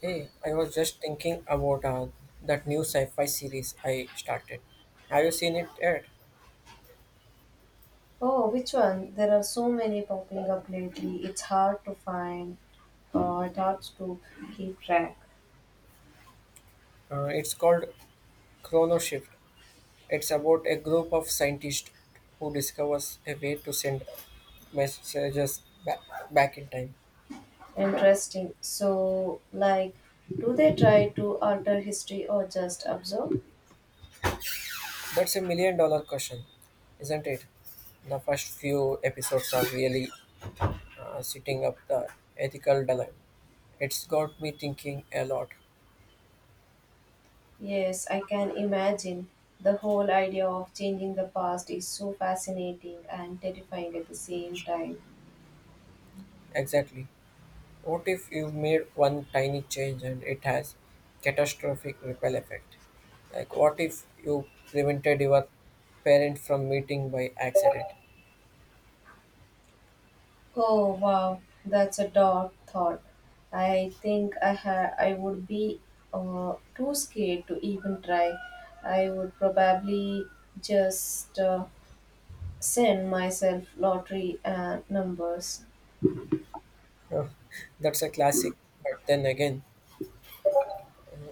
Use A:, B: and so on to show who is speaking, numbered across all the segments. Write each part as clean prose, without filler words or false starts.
A: Hey, I was just thinking about that new sci-fi series I started. Have you seen it yet?
B: Oh, which one? There are so many popping up lately. It's hard to find. It hard to keep track.
A: It's called Chrono Shift. It's about a group of scientists who discovers a way to send messages back, in time.
B: Interesting. So, like, do they try to alter history or just observe?
A: That's a million dollar question, isn't it? The first few episodes are really setting up the ethical dilemma. It's got me thinking a lot.
B: Yes, I can imagine. The whole idea of changing the past is so fascinating and terrifying at the same time.
A: Exactly. What if you made one tiny change and it has catastrophic ripple effect? Like what if you prevented your parent from meeting by accident?
B: Oh wow, that's a dark thought. I think I would be too scared to even try. I would probably just send myself lottery numbers.
A: Uh, That's a classic. But then again,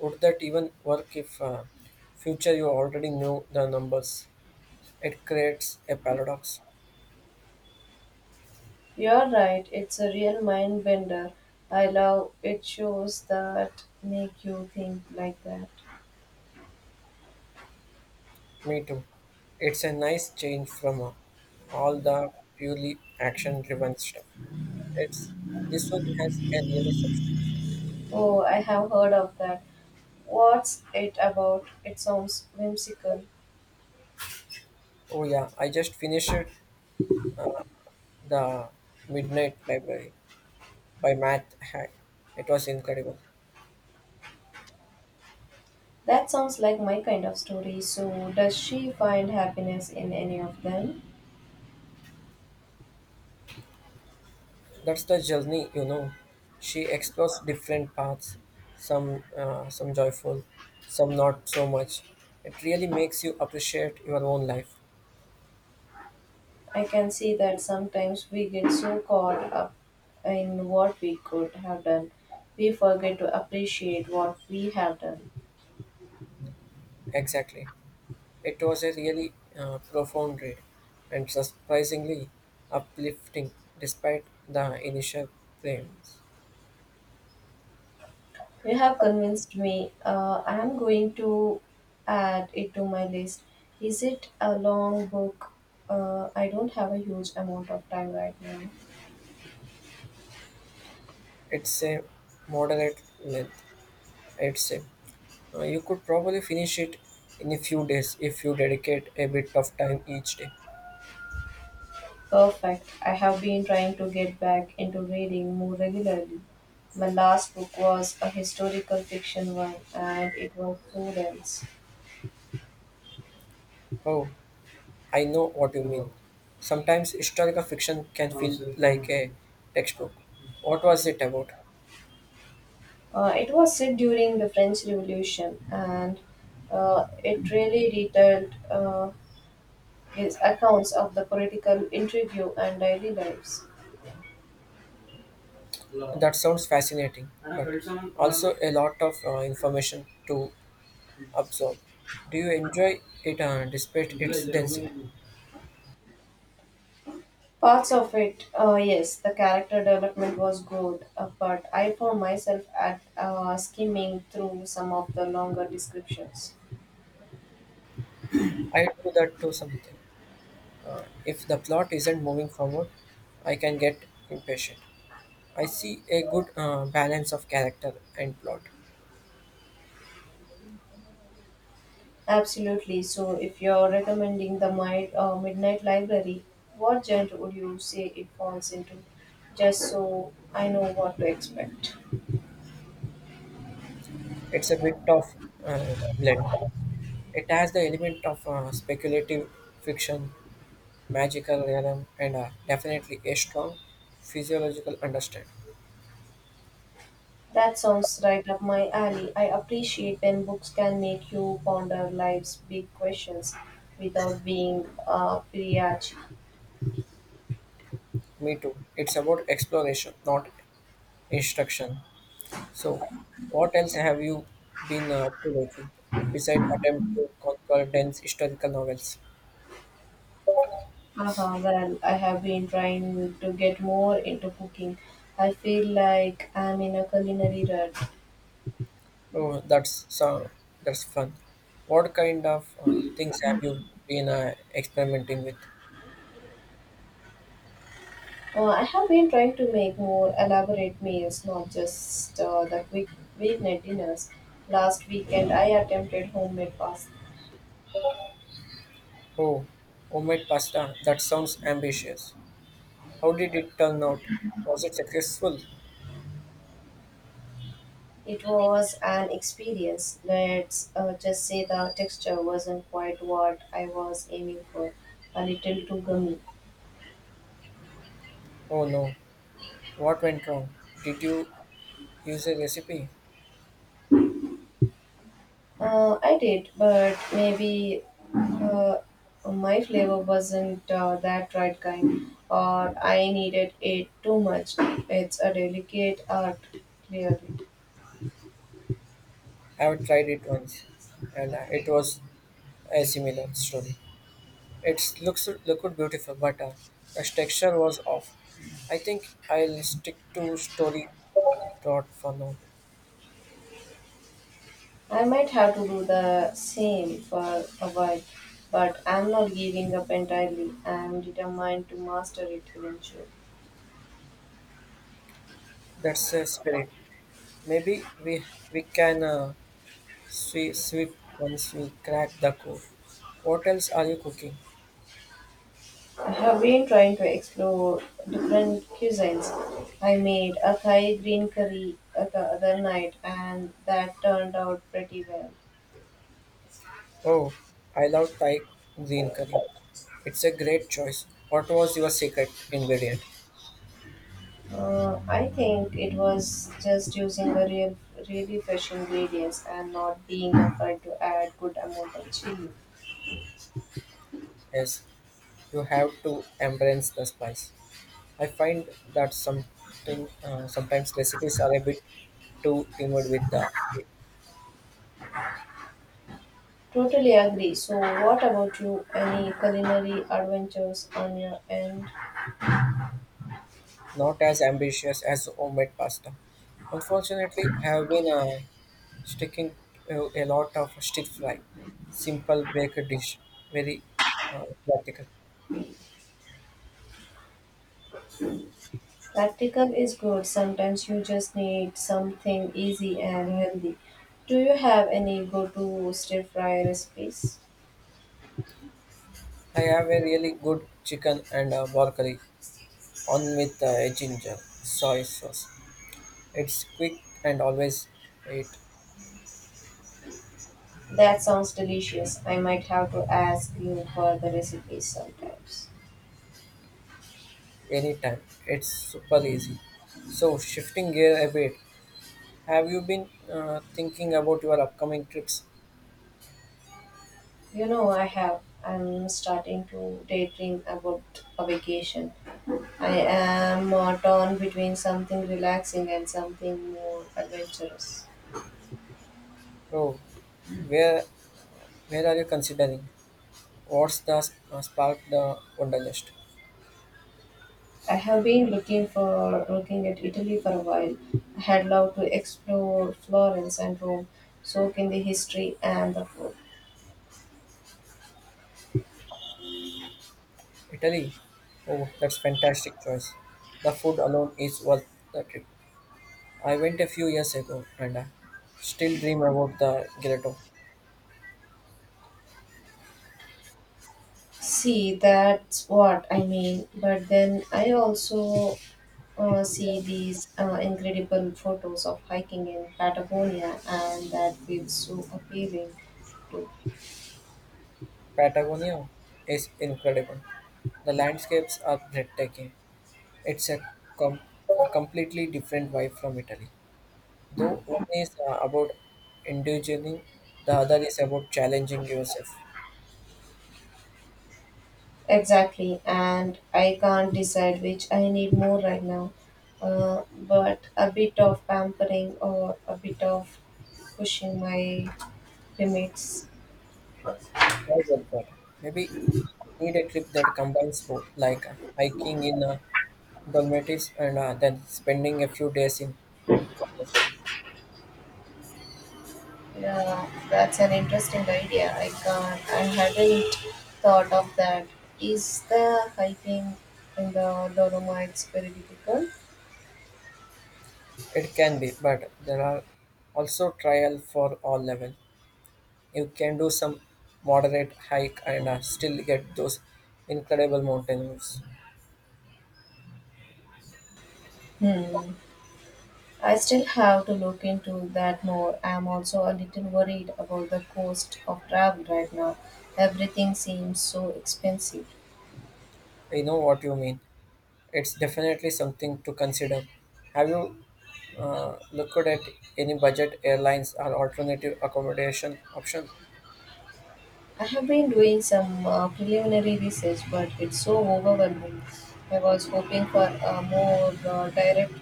A: would that even work if future you already knew the numbers? It creates a paradox.
B: You're right, it's a real mind bender. I love it shows that make you think like that.
A: Me too. It's a nice change from all the purely action-driven stuff. It's this one has a really substance.
B: Oh, I have heard of that. What's it about? It sounds whimsical.
A: Oh yeah, I just finished The Midnight Library by Matt Haig. It was incredible.
B: That sounds like my kind of story. So, does she find happiness in any of them?
A: That's the journey, you know. She explores different paths, some joyful, some not so much. It really makes you appreciate your own life.
B: I can see that sometimes we get so caught up in what we could have done, we forget to appreciate what we have done.
A: Exactly. It was a really profound read and surprisingly uplifting despite the initial claims.
B: You have convinced me. I am going to add it to my list. Is it a long book? I don't have a huge amount of time right now.
A: It's a moderate length, I'd say. You could probably finish it in a few days if you dedicate a bit of time each day.
B: Perfect. I have been trying to get back into reading more regularly. My last book was a historical fiction one, and it was so dense.
A: Oh, I know what you mean. Sometimes historical fiction can feel like a textbook. What was it about?
B: It was set during the French Revolution, and it really detailed these accounts of the political intrigue and daily lives.
A: That sounds fascinating, but also a lot of information to absorb. Do you enjoy it despite its density?
B: Parts of it, yes, the character development was good, but I found myself at skimming through some of the longer descriptions.
A: I do that to something. If the plot isn't moving forward, I can get impatient. I see a good balance of character and plot.
B: Absolutely. So, if you're recommending the Midnight Library, what genre would you say it falls into? Just so I know what to expect.
A: It's a bit of blend. It has the element of speculative fiction, magical realism, and definitely a strong physiological understanding.
B: That sounds right up my alley. I appreciate when books can make you ponder life's big questions without being preachy.
A: Me too. It's about exploration, not instruction. So, what else have you been up to lately besides attempt to conquer dense historical novels?
B: Haha, well, I have been trying to get more into cooking. I feel like I'm in a culinary rut.
A: Oh, that's so that's fun. What kind of things have you been experimenting with?
B: I have been trying to make more elaborate meals, not just the quick weeknight dinners. Last weekend, I attempted homemade pasta.
A: Oh, homemade pasta. That sounds ambitious. How did it turn out? Was it successful?
B: It was an experience. Let's just say the texture wasn't quite what I was aiming for. A little too gummy.
A: Oh no. What went wrong? Did you use a recipe?
B: I did, but maybe uh, my flavor wasn't that right kind, or I needed it too much. It's a delicate art, clearly.
A: I have tried it once, and it was a similar story. It looks looked beautiful, but the texture was off. I think I'll stick to story Dot for now.
B: I might have to do the same for a while, but I'm not giving up entirely. I'm determined to master it eventually.
A: That's a spirit. Maybe we can sweep once we crack the code. What else are you cooking?
B: I have been trying to explore different cuisines. I made a Thai green curry the other night, and that turned out pretty well.
A: Oh, I love Thai green curry. It's a great choice. What was your secret ingredient?
B: I think it was just using really fresh ingredients and not being afraid to add good amount of chili.
A: Yes, you have to embrace the spice. I find that something sometimes recipes are a bit too timid with the
B: Totally agree. So, what about you? Any culinary adventures on your end?
A: not as ambitious as homemade pasta. Unfortunately, I have been sticking to a lot of stir fry, simple baked dish, very practical.
B: Practical is good. Sometimes you just need something easy and healthy. Do you have any go to stir fry recipes?
A: I have a really good chicken and pork curry on with a ginger soy sauce. It's quick and always eat
B: That sounds delicious. I might have to ask you for the recipes sometimes.
A: anytime. It's super easy. So shifting gear a bit, have you been thinking about your upcoming trips?
B: You know, I have. I'm starting to daydream about a vacation. I am torn between something relaxing and something more adventurous.
A: Oh, where where are you considering? What's the spark the wonderlist?
B: I have been looking at Italy for a while. I had loved to explore Florence and Rome, soak in the history and the food.
A: Italy? Oh, that's fantastic choice. The food alone is worth the trip. I went a few years ago and I still dream about the gelato.
B: See, that's what I mean. But then I also see these incredible photos of hiking in Patagonia, and that feels so appealing to.
A: Patagonia is incredible. The landscapes are breathtaking. It's a com- a completely different vibe from Italy. Though one is about indulging, the other is about challenging yourself.
B: Exactly, and I can't decide which I need more right now. But a bit of pampering or a bit of pushing my limits.
A: I get that. Maybe need a trip that combines both, like hiking in Dalmatians and then spending a few days in Provence.
B: Yeah, that's an interesting idea. I can't. I hadn't thought of that. Is the hiking in the Dolomites very difficult?
A: It can be, but there are also trial for all level. You can do some moderate hike and still get those incredible mountain views.
B: Hmm. I still have to look into that more. I'm also a little worried about the cost of travel right now. Everything seems so expensive.
A: I know what you mean. It's definitely something to consider. Have you looked at any budget airlines or alternative accommodation option?
B: I have been doing some preliminary research, but it's so overwhelming. I was hoping for a more direct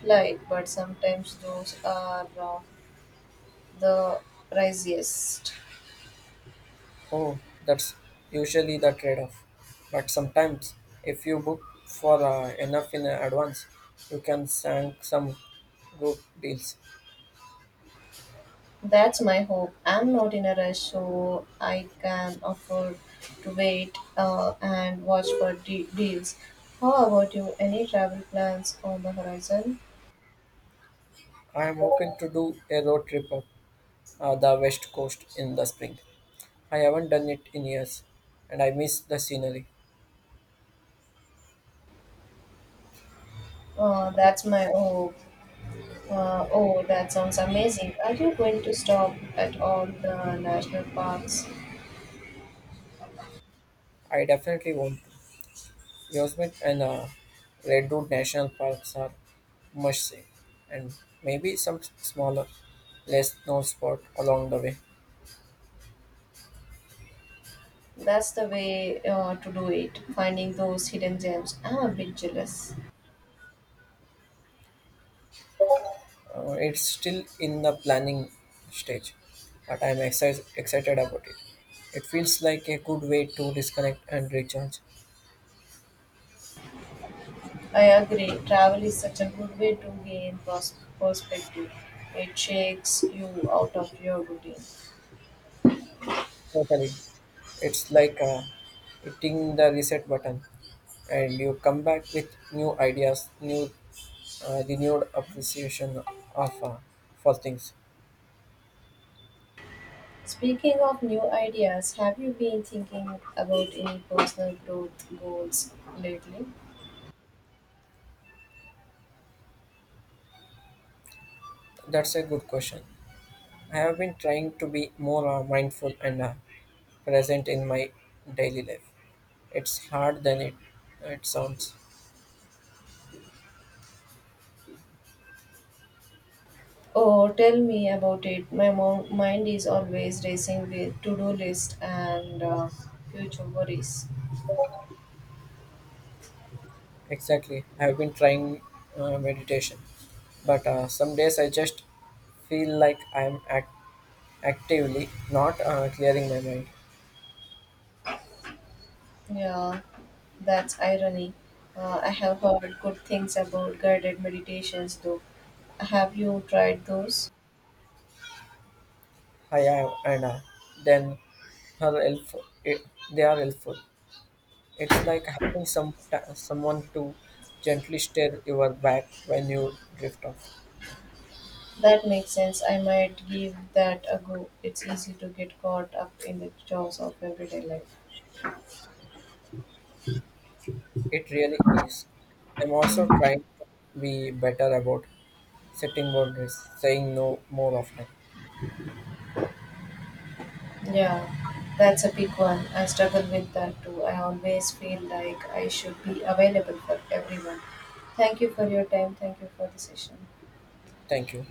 B: flight, but sometimes those are the priciest.
A: Oh, that's usually the trade off. But sometimes, if you book for enough in advance, you can sank some good deals.
B: That's my hope. I'm not in a rush, so I can afford to wait and watch for deals. How about you? Any travel plans on the horizon?
A: I am hoping to do a road trip up the west coast in the spring. I haven't done it in years, and I miss the scenery.
B: That's my hope. Oh, that sounds amazing. Are you going to stop at all the national parks?
A: I definitely want to. Yosemite and Redwood National Parks are must see, and maybe some smaller, less known spot along the way.
B: That's the way to do it, finding those hidden gems. I'm a bit jealous.
A: It's still in the planning stage, but I'm excited about it. It feels like a good way to disconnect and recharge.
B: I agree. Travel is such a good way to gain perspective. It shakes you out of your routine.
A: Totally. It's like hitting the reset button, and you come back with new ideas, new renewed appreciation of for things.
B: Speaking of new ideas, have you been thinking about any personal growth goals lately?
A: That's a good question. I have been trying to be more mindful and present in my daily life. It's hard than it sounds.
B: Oh, tell me about it. My mind is always racing with to-do list and future worries.
A: Exactly. I have been trying meditation, but some days I just feel like I'm actively not clearing my mind.
B: Yeah, that's irony. I have heard good things about guided meditations, though. Have you tried those?
A: I am, and then her helpful. It, they are helpful. It's like having someone to gently stir your back when you drift off.
B: That makes sense. I might give that a go. It's easy to get caught up in the chores of everyday life.
A: It really is. I'm also trying to be better about setting boundaries, saying no more often.
B: Yeah, that's a big one. I struggle with that too. I always feel like I should be available for everyone. Thank you for your time. Thank you for the session.
A: Thank you.